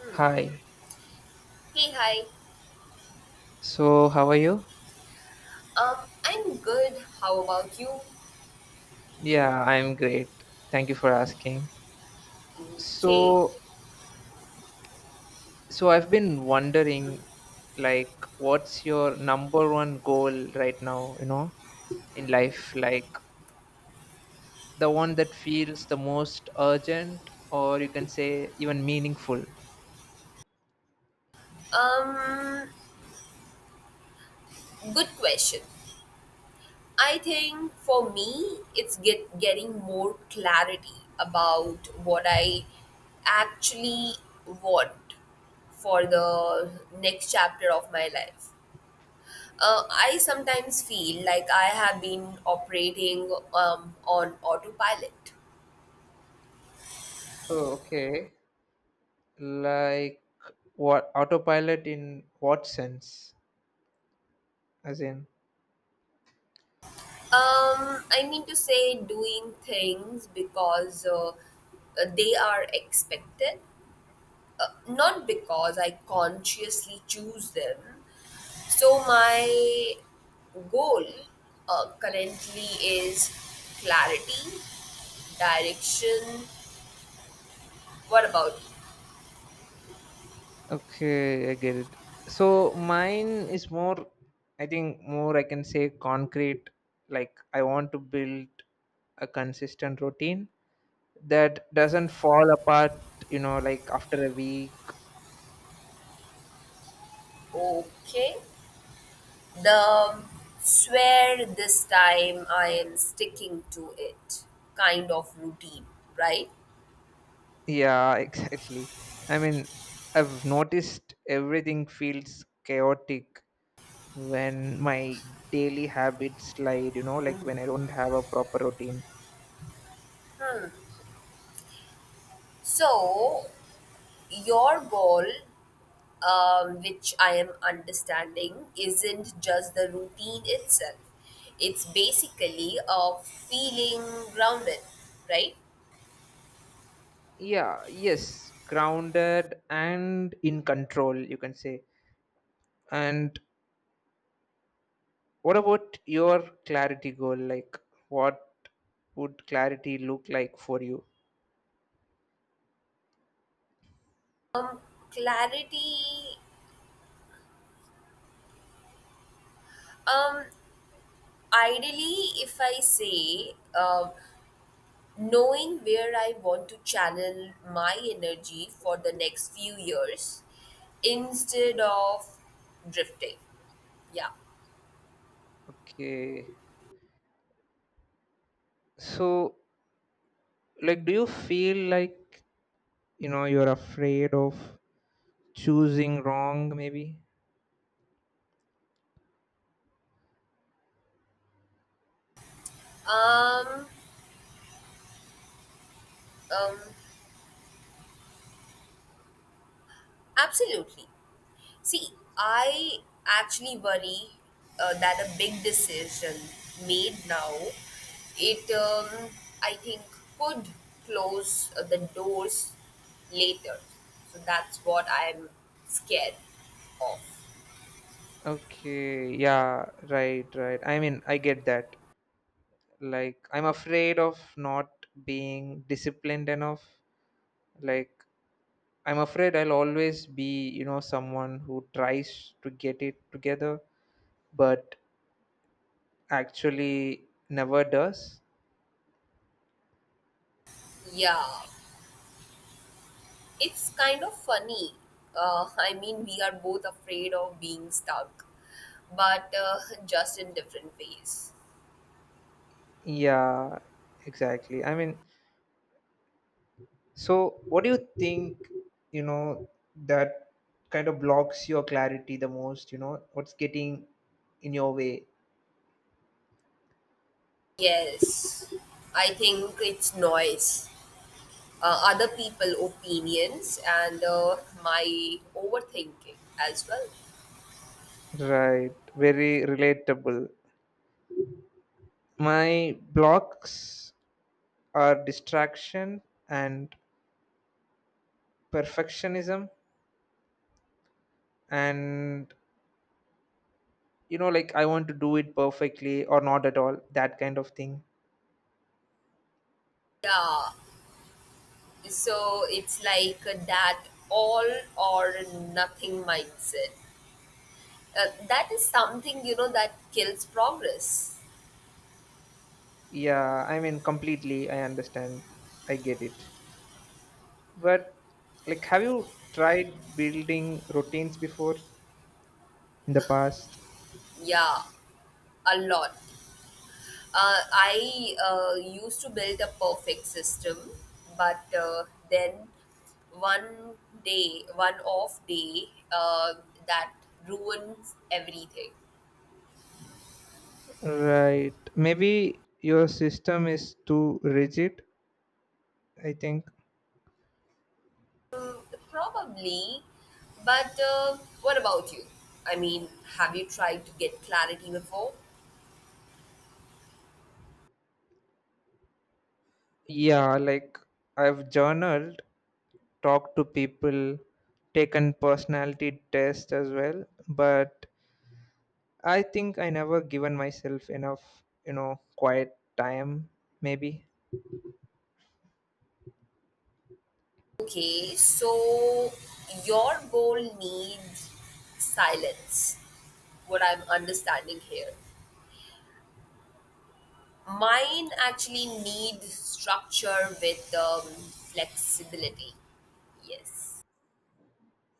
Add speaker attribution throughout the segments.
Speaker 1: Hmm.
Speaker 2: Hi.
Speaker 1: Hey, hi.
Speaker 2: So, how are you?
Speaker 1: Um, I'm good. How about you?
Speaker 2: Yeah, I'm great. Thank you for asking.
Speaker 1: Okay.
Speaker 2: So, so, I've been wondering like what's your number one goal right now, you know, in life, like the one that feels the most urgent or you can say even meaningful.
Speaker 1: Um, Good question. I think for me, it's getting more clarity about what I actually want for the next chapter of my life. I sometimes feel like I have been operating on autopilot.
Speaker 2: Oh, okay. Like what autopilot in what sense? As in
Speaker 1: I mean to say doing things because they are expected, not because I consciously choose them. So, my goal currently is clarity, direction. What about
Speaker 2: Okay, I get it. So mine is more, I think, more I can say concrete. Like I want to build a consistent routine that doesn't fall apart, you know, like after a week.
Speaker 1: you? Okay. The um, swear this time I am sticking to it kind of routine, right?
Speaker 2: Yeah, exactly. I mean, I've noticed everything feels chaotic when my daily habits slide, you know, like when I don't have a proper routine.
Speaker 1: Hmm. So, your goal, which I am understanding, isn't just the routine itself. It's basically a feeling grounded, right?
Speaker 2: Yeah, yes, grounded and in control, you can say. And what about your clarity goal? Like, what would clarity look like for you?
Speaker 1: Um, Clarity. Um, Ideally, if I say, knowing where I want to channel my energy for the next few years, instead of drifting. Yeah.
Speaker 2: Okay. So, like, do you feel like, you know, you're afraid of choosing wrong, maybe?
Speaker 1: Um. Um. Absolutely. See, I actually worry that a big decision made now, it I think could close the doors later. So that's what I'm scared of.
Speaker 2: Okay. Yeah. Right. Right. I mean, I get that. Like, I'm afraid of not being disciplined enough. Like, I'm afraid I'll always be, you know, someone who tries to get it together but actually never does.
Speaker 1: Yeah, it's kind of funny. I mean, we are both afraid of being stuck, but just in different ways.
Speaker 2: Yeah, exactly. I mean, so what do you think, you know, that kind of blocks your clarity the most? You know, what's getting in your way?
Speaker 1: Yes, I think it's noise. Other people opinions and my overthinking as well.
Speaker 2: Right, very relatable. My blocks are distraction and perfectionism, and, you know, like I want to do it perfectly or not at all, that kind of thing.
Speaker 1: Yeah, so it's like that all or nothing mindset that is something that kills progress.
Speaker 2: Yeah, I mean, completely. I understand. I get it. But, like, have you tried building routines before in the past?
Speaker 1: Yeah, a lot. I used to build a perfect system, but then one one off day uh, that ruins everything.
Speaker 2: Right. Maybe your system is too rigid, I think.
Speaker 1: Probably, but what about you? I mean, have you tried to get clarity before?
Speaker 2: Yeah, like, I've journaled, talked to people, taken personality tests as well, but I think I never given myself enough, you know, quiet time, maybe.
Speaker 1: Okay, so your goal needs silence, what I'm understanding here. Mine actually needs structure with flexibility. Yes.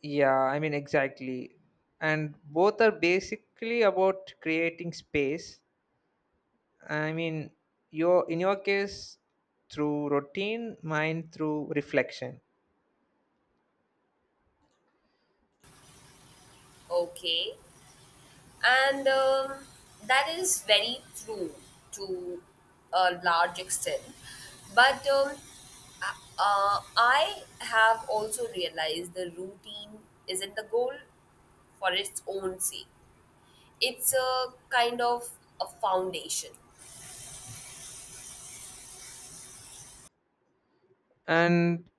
Speaker 2: Yeah, I mean, exactly. And both are basically about creating space. I mean, your in your case through routine, mine through reflection.
Speaker 1: Okay. And that is very true to a large extent. But uh, I have also realized the routine isn't the goal for its own sake, it's a kind of a foundation.
Speaker 2: And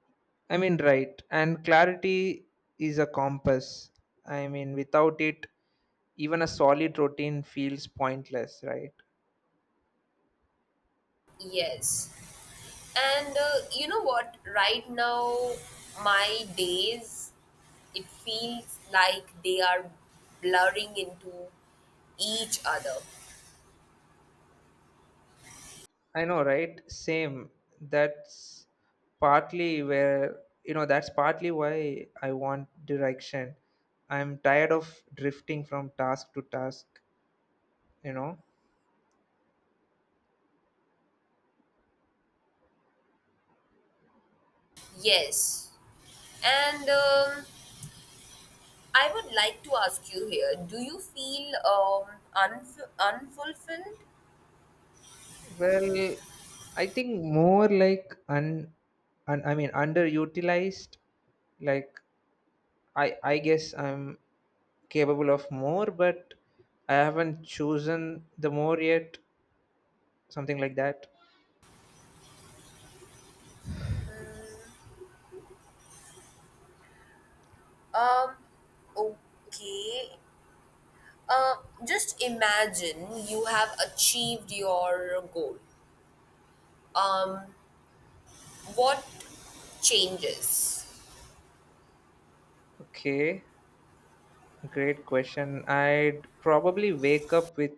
Speaker 2: I mean, right. And clarity is a compass. I mean, without it, even a solid routine feels pointless, right?
Speaker 1: Yes. And you know what? Right now, my days, it feels like they are blurring into each other.
Speaker 2: I know, right? Same. That's partly where, you know, that's partly why I want direction. I'm tired of drifting from task to task, you know.
Speaker 1: Yes. And I would like to ask you here, do you feel unfulfilled?
Speaker 2: Well, I think more like un, un I mean underutilized. Like I guess I'm capable of more, but I haven't chosen the more yet, something like that.
Speaker 1: Um, okay. Uh, just imagine you have achieved your goal. Um, what changes?
Speaker 2: Okay. Great question. I'd probably wake up with,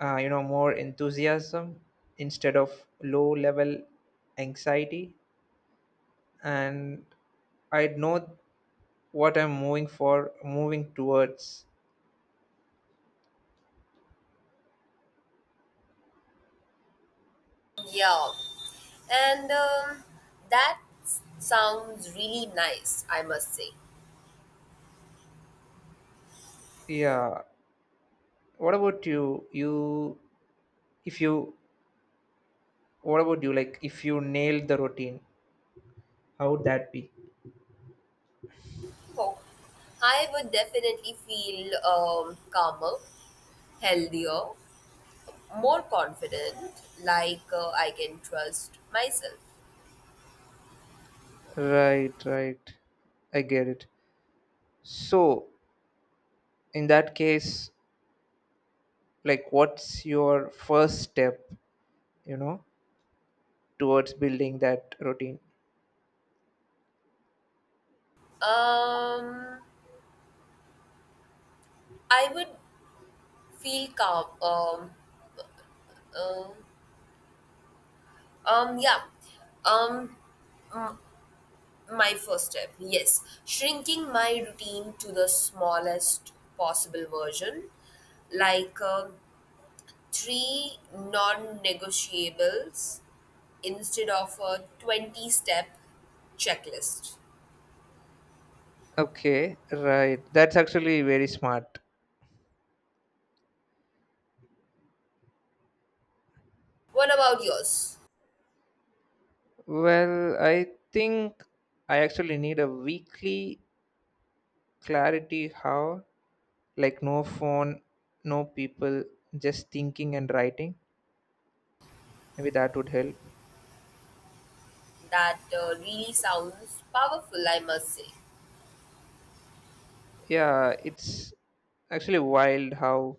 Speaker 2: you know, more enthusiasm instead of low level anxiety, and I'd know what I'm moving for, moving towards.
Speaker 1: Yeah. And that sounds really nice, I must say.
Speaker 2: Yeah. What about you? You, if you, what about you? Like, if you nailed the routine, how would that be?
Speaker 1: Oh, I would definitely feel calmer, healthier, more confident, like I can trust myself.
Speaker 2: Right, right. I get it. So, in that case, like, what's your first step? You know, towards building that routine.
Speaker 1: Um, I would feel calm. Um, yeah. Um, my first step, yes, shrinking my routine to the smallest possible version, like three non-negotiables instead of a 20 step checklist.
Speaker 2: Okay, right. That's actually very smart.
Speaker 1: What about yours?
Speaker 2: Well, I think I actually need a weekly clarity how, like no phone, no people, just thinking and writing. Maybe that would help.
Speaker 1: That really sounds powerful, I must say.
Speaker 2: Yeah, it's actually wild how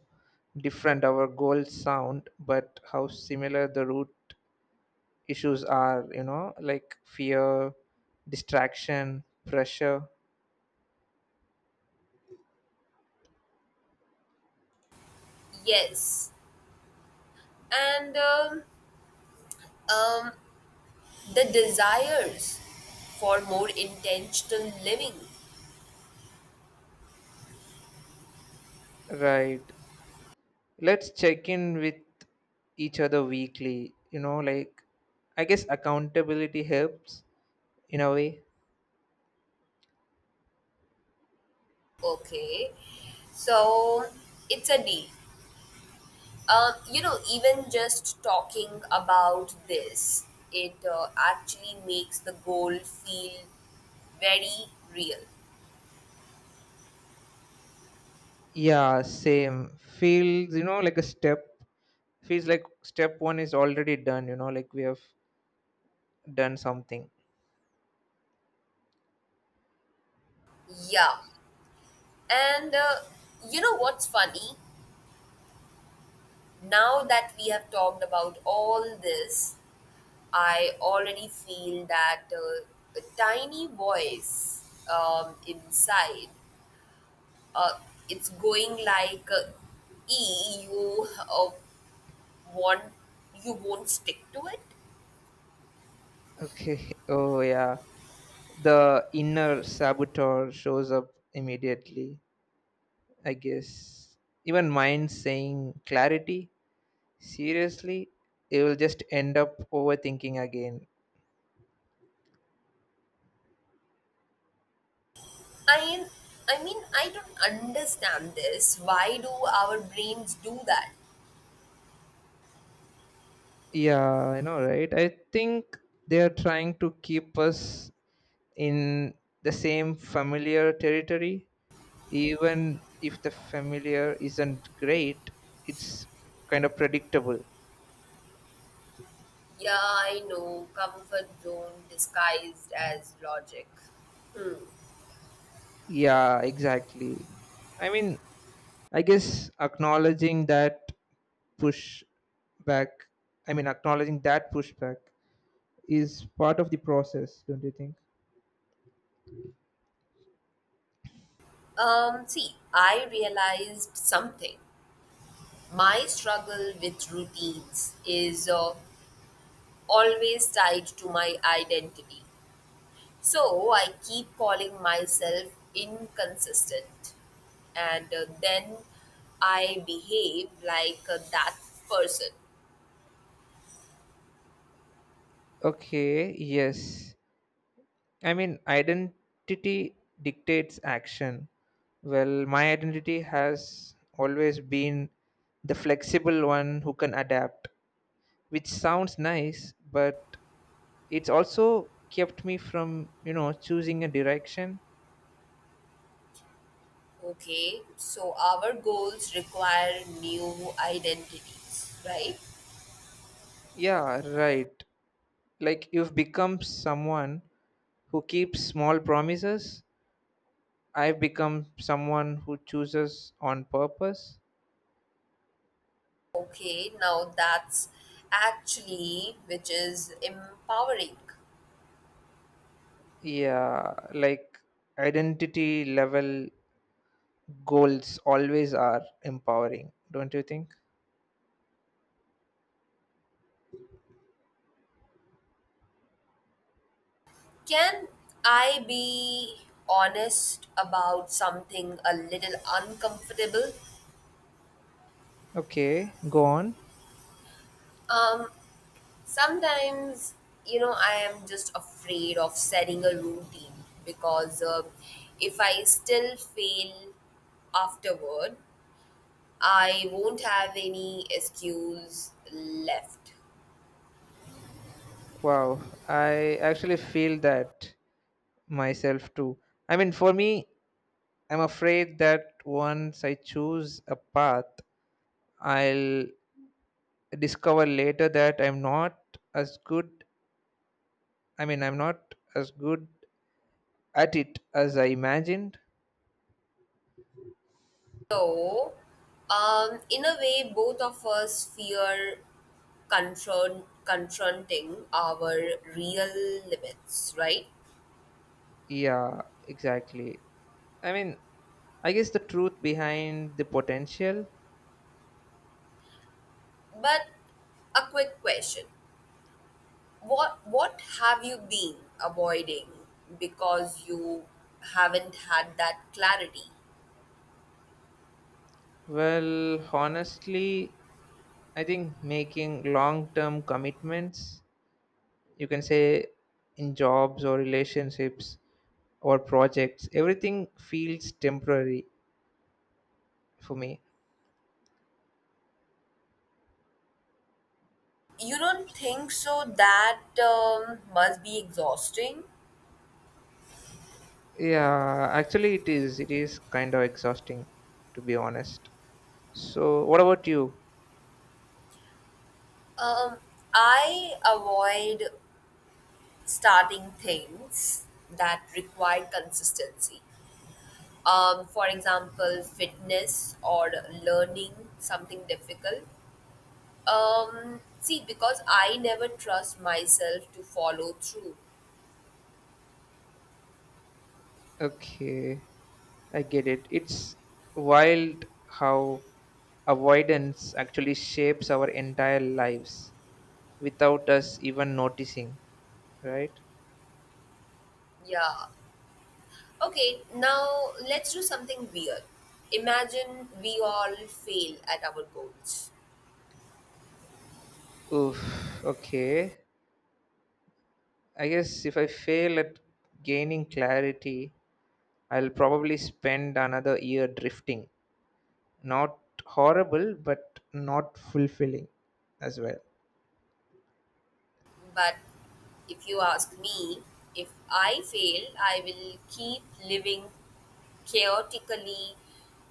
Speaker 2: different our goals sound, but how similar the root issues are, you know, like fear, distraction, pressure.
Speaker 1: Yes. And um, the desires for more intentional living.
Speaker 2: Right. Let's check in with each other weekly, you know, like I guess accountability helps in a way.
Speaker 1: Okay. So it's a deal. You know, even just talking about this, it actually makes the goal feel very real.
Speaker 2: Yeah, same feels, you know, like a step feels like step one is already done, you know, like we have done something.
Speaker 1: Yeah. And you know what's funny? Now that we have talked about all this, I already feel that a tiny voice inside, uh, it's going like, "E, want, you won't stick to it."
Speaker 2: Okay, oh yeah, the inner saboteur shows up immediately, I guess. Even mind saying clarity seriously, it will just end up overthinking again.
Speaker 1: I, I mean, I don't understand this. Why do our brains do that?
Speaker 2: Yeah, I know, right? I think they are trying to keep us in the same familiar territory, even if the familiar isn't great, it's kind of predictable.
Speaker 1: Yeah, I know, comfort zone disguised as logic.
Speaker 2: Yeah, exactly. I mean, I guess acknowledging that push back, I mean, acknowledging that pushback is part of the process, don't you think?
Speaker 1: See, I realized something. My struggle with routines is always tied to my identity. So I keep calling myself inconsistent. And then I behave like that person.
Speaker 2: Okay, yes. I mean, identity dictates action. Well, my identity has always been the flexible one who can adapt, which sounds nice, but it's also kept me from, you know, choosing a direction.
Speaker 1: Okay, so our goals require new identities, right?
Speaker 2: Yeah, right. Like you've become someone who keeps small promises. I've become someone who chooses on purpose.
Speaker 1: Okay, now that's actually which is empowering.
Speaker 2: Yeah, like identity level goals always are empowering, don't you think?
Speaker 1: Can I be honest about something a little uncomfortable?
Speaker 2: Okay, go on.
Speaker 1: Um, Sometimes, I am just afraid of setting a routine because if I still fail afterward, I won't have any excuse left.
Speaker 2: Wow, I actually feel that myself too. I mean, for me, I'm afraid that once I choose a path, I'll discover later that I'm not as good. I mean, I'm not as good at it as I imagined.
Speaker 1: So, in a way, both of us fear confronting our real limits, right?
Speaker 2: Yeah, exactly. I mean, I guess the truth behind the potential.
Speaker 1: But a quick question: What have you been avoiding because you haven't had that clarity?
Speaker 2: Well, honestly, I think making long term commitments, you can say in jobs or relationships or projects, everything feels temporary for me.
Speaker 1: You don't think so? That must be exhausting.
Speaker 2: Yeah, actually, it is. It is kind of exhausting, to be honest. So, what about you?
Speaker 1: Um, I avoid starting things that require consistency. For example, fitness or learning something difficult. See, because I never trust myself to follow through.
Speaker 2: Okay, I get it. It's wild how avoidance actually shapes our entire lives without us even noticing, right?
Speaker 1: Yeah. Okay, now let's do something weird. Imagine we all fail at our goals.
Speaker 2: Oof, okay. I guess if I fail at gaining clarity, I'll probably spend another year drifting. Not horrible, but not fulfilling as well.
Speaker 1: But if you ask me, if I fail, I will keep living chaotically,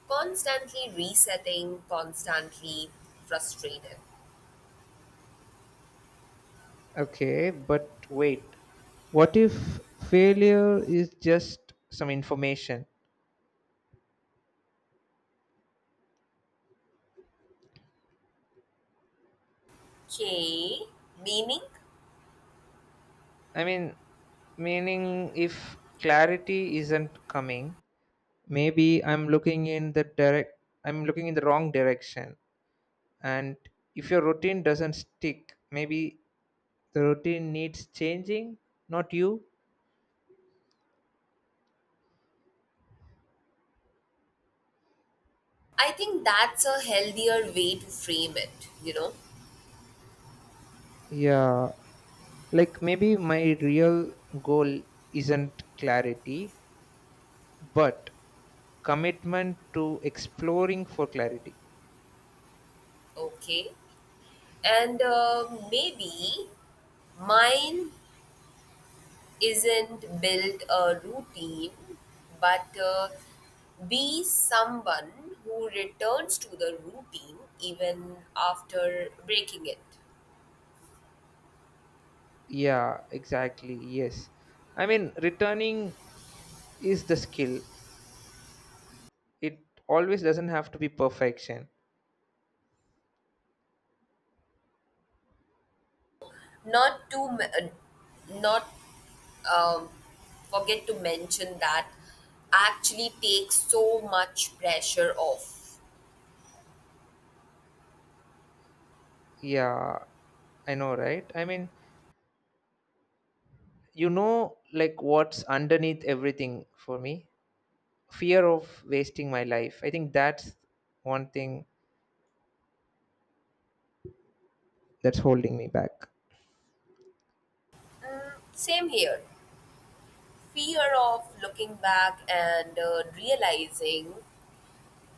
Speaker 1: constantly resetting, constantly frustrated.
Speaker 2: Okay, but wait. What if failure is just some information?
Speaker 1: Okay, meaning?
Speaker 2: I mean, meaning if clarity isn't coming, maybe I'm looking in the direct I'm looking in the wrong direction. And if your routine doesn't stick, maybe the routine needs changing, not you.
Speaker 1: I think that's a healthier way to frame it, you know?
Speaker 2: Yeah, like maybe my real goal isn't clarity, but commitment to exploring for clarity.
Speaker 1: Okay. And maybe mine isn't build a routine, but be someone who returns to the routine even after breaking it.
Speaker 2: Yeah, exactly. Yes. I mean, returning is the skill, it always doesn't have to be perfection.
Speaker 1: Not to, m- not um, forget to mention that actually takes so much pressure off.
Speaker 2: Yeah, I know, right? I mean, you know, like what's underneath everything for me fear of wasting my life. I think that's one thing that's holding me back.
Speaker 1: Same here. Fear of looking back and realizing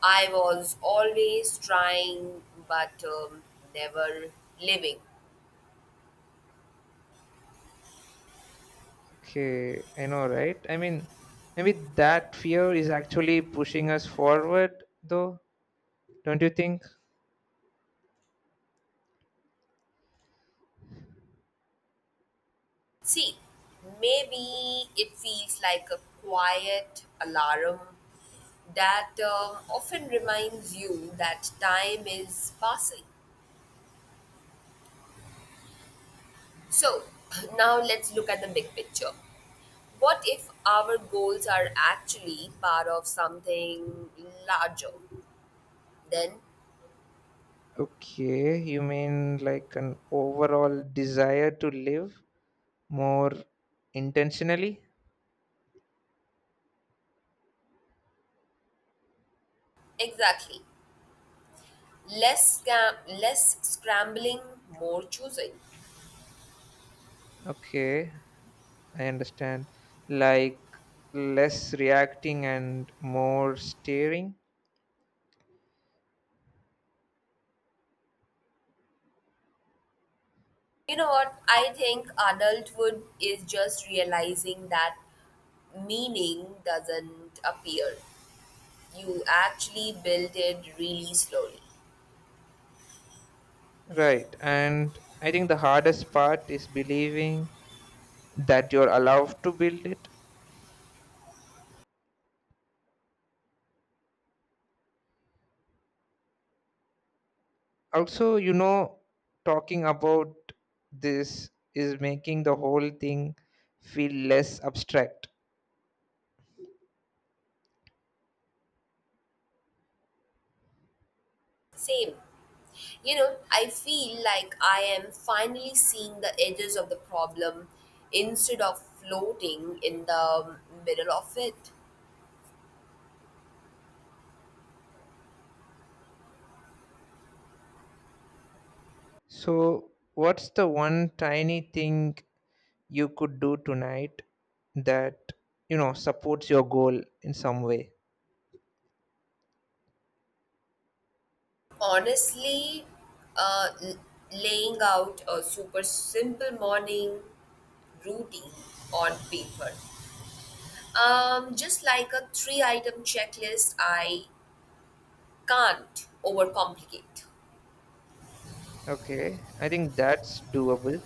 Speaker 1: I was always trying but never living.
Speaker 2: Okay, I know, right? I mean, maybe that fear is actually pushing us forward, though, don't you think?
Speaker 1: See, maybe it feels like a quiet alarm that often reminds you that time is passing. So, now let's look at the big picture. What if our goals are actually part of something larger? Then
Speaker 2: Okay, you mean like an overall desire to live more intentionally?
Speaker 1: Exactly. Less scam, less scrambling, more choosing.
Speaker 2: Okay, I understand. Like less reacting and more steering?
Speaker 1: You know what? I think adulthood is just realizing that meaning doesn't appear. You actually build it really slowly.
Speaker 2: Right, and I think the hardest part is believing that you're allowed to build it also, you know, talking about this is making the whole thing feel less abstract.
Speaker 1: Same. You know, I feel like I am finally seeing the edges of the problem instead of floating in the middle of it.
Speaker 2: So what's the one tiny thing you could do tonight that, you know, supports your goal in some way?
Speaker 1: Honestly, uh, l- laying out a super simple morning routine on paper. Just like a three item checklist, I can't overcomplicate.
Speaker 2: Okay, I think that's doable.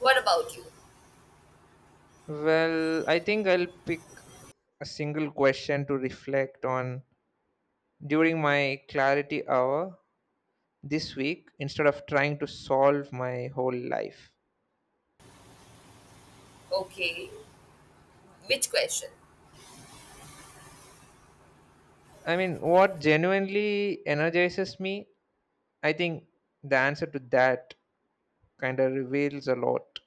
Speaker 1: What about you?
Speaker 2: Well, I think I'll pick a single question to reflect on during my clarity hour this week, instead of trying to solve my whole life.
Speaker 1: Okay, which question?
Speaker 2: I mean, what genuinely energizes me, I think the answer to that kind of reveals a lot.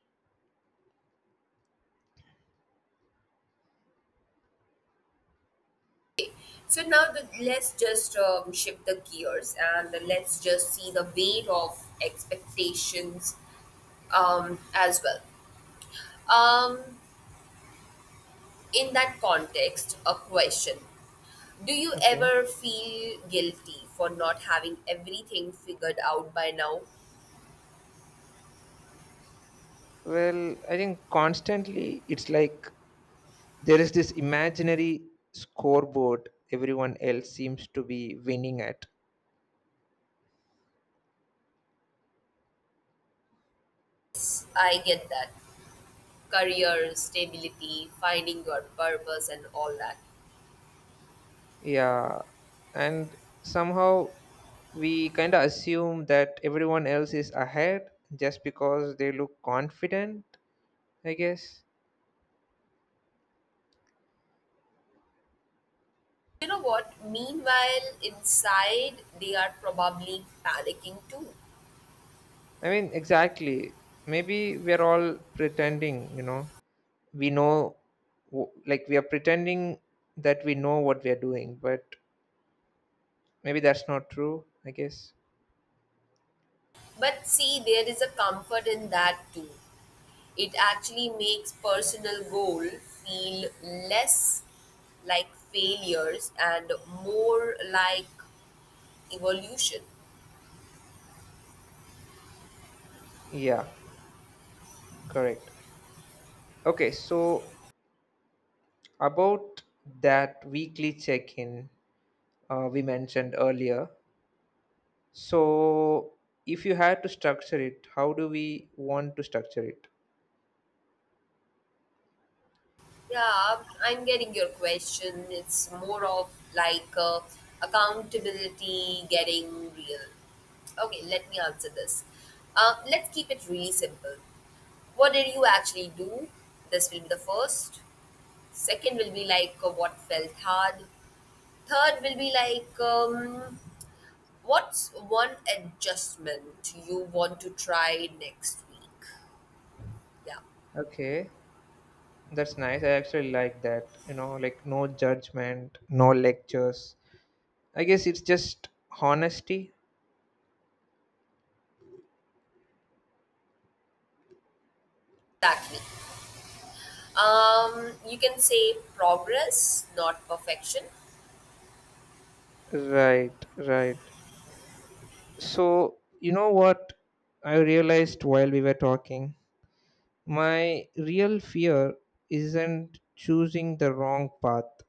Speaker 1: So now let's just shift the gears and let's just see the weight of expectations as well. Um, in that context, a question. Do you
Speaker 2: Okay.
Speaker 1: ever feel guilty for not having everything figured out by now?
Speaker 2: Well, I think constantly it's like there is this imaginary scoreboard everyone else seems to be winning at.
Speaker 1: I get that. Career, stability, finding your purpose, and all that.
Speaker 2: Yeah. And somehow we kind of assume that everyone else is ahead just because they look confident, I guess.
Speaker 1: You know what? Meanwhile, inside, they are probably panicking too.
Speaker 2: I mean, exactly. Maybe we're all pretending, you know, we know, w- like, we are pretending that we know what we are doing, but maybe that's not true, I guess.
Speaker 1: But see, there is a comfort in that too. It actually makes personal goal feel less like failures and more like evolution.
Speaker 2: Yeah, correct. Okay, so about that weekly check in we mentioned earlier. So, if you had to structure it, how do we want to structure it?
Speaker 1: Yeah, I'm getting your question. It's more of like accountability getting real. Okay, let me answer this. Let's keep it really simple. What did you actually do? This will be the first. Second will be like what felt hard. Third will be like what's one adjustment you want to try next week? Yeah,
Speaker 2: Okay, that's nice. I actually like that. You know, like no judgment, no lectures, I guess it's just honesty.
Speaker 1: exactly. You can say progress, not perfection.
Speaker 2: Right, right. So, you know what I realized while we were talking? My real fear isn't choosing the wrong path,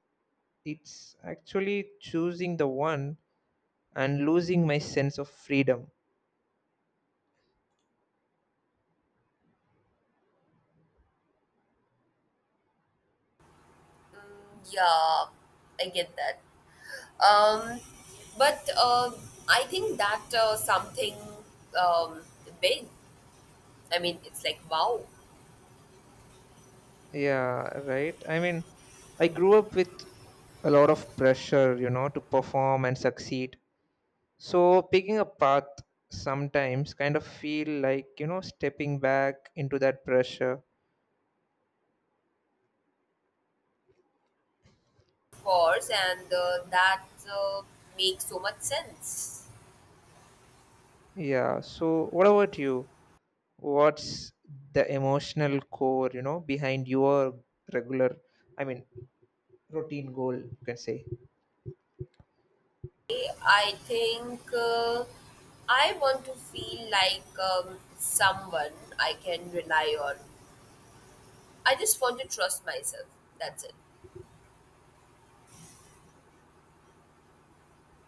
Speaker 2: it's actually choosing the one and losing my sense of freedom.
Speaker 1: Yeah, I get that. Um, but I think that something um, big. I mean, it's like wow,
Speaker 2: Yeah, right. I mean, I grew up with a lot of pressure, you know, to perform and succeed. So picking a path sometimes kind of feel like, you know, stepping back into that pressure.
Speaker 1: of course, and that uh, makes so much sense.
Speaker 2: Yeah. So what about you? What's the emotional core, you know, behind your regular, I mean, routine goal, you can say?
Speaker 1: I think I want to feel like someone I can rely on. I just want to trust myself. That's it.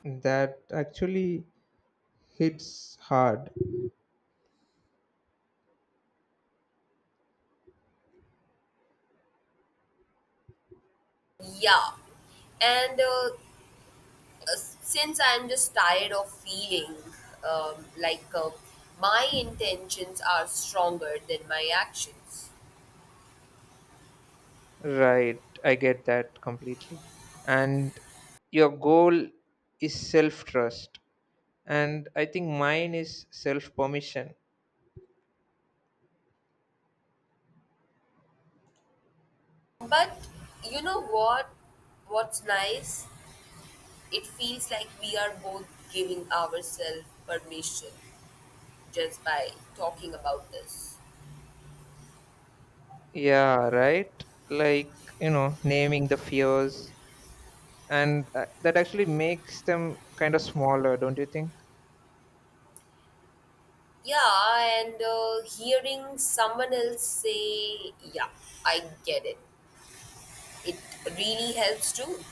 Speaker 2: That actually hits hard.
Speaker 1: Yeah. And uh, since I'm just tired of feeling like my intentions are stronger than my actions.
Speaker 2: Right. I get that completely. And your goal is self trust. And I think mine is self permission.
Speaker 1: But you know what? What's nice? It feels like we are both giving ourselves permission just by talking about this.
Speaker 2: Yeah, right. Like, you know, naming the fears and that actually makes them kind of smaller, don't you think?
Speaker 1: Yeah, and hearing someone else say, "Yeah, I get it," it really helps too.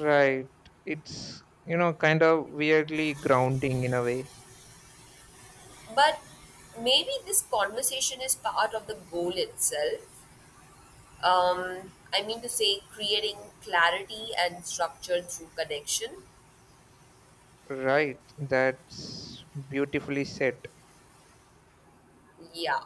Speaker 2: Right. It's, you know, kind of weirdly grounding in a way.
Speaker 1: But maybe this conversation is part of the goal itself. I mean to say, creating clarity and structure through connection.
Speaker 2: Right. That's beautifully said.
Speaker 1: Yeah.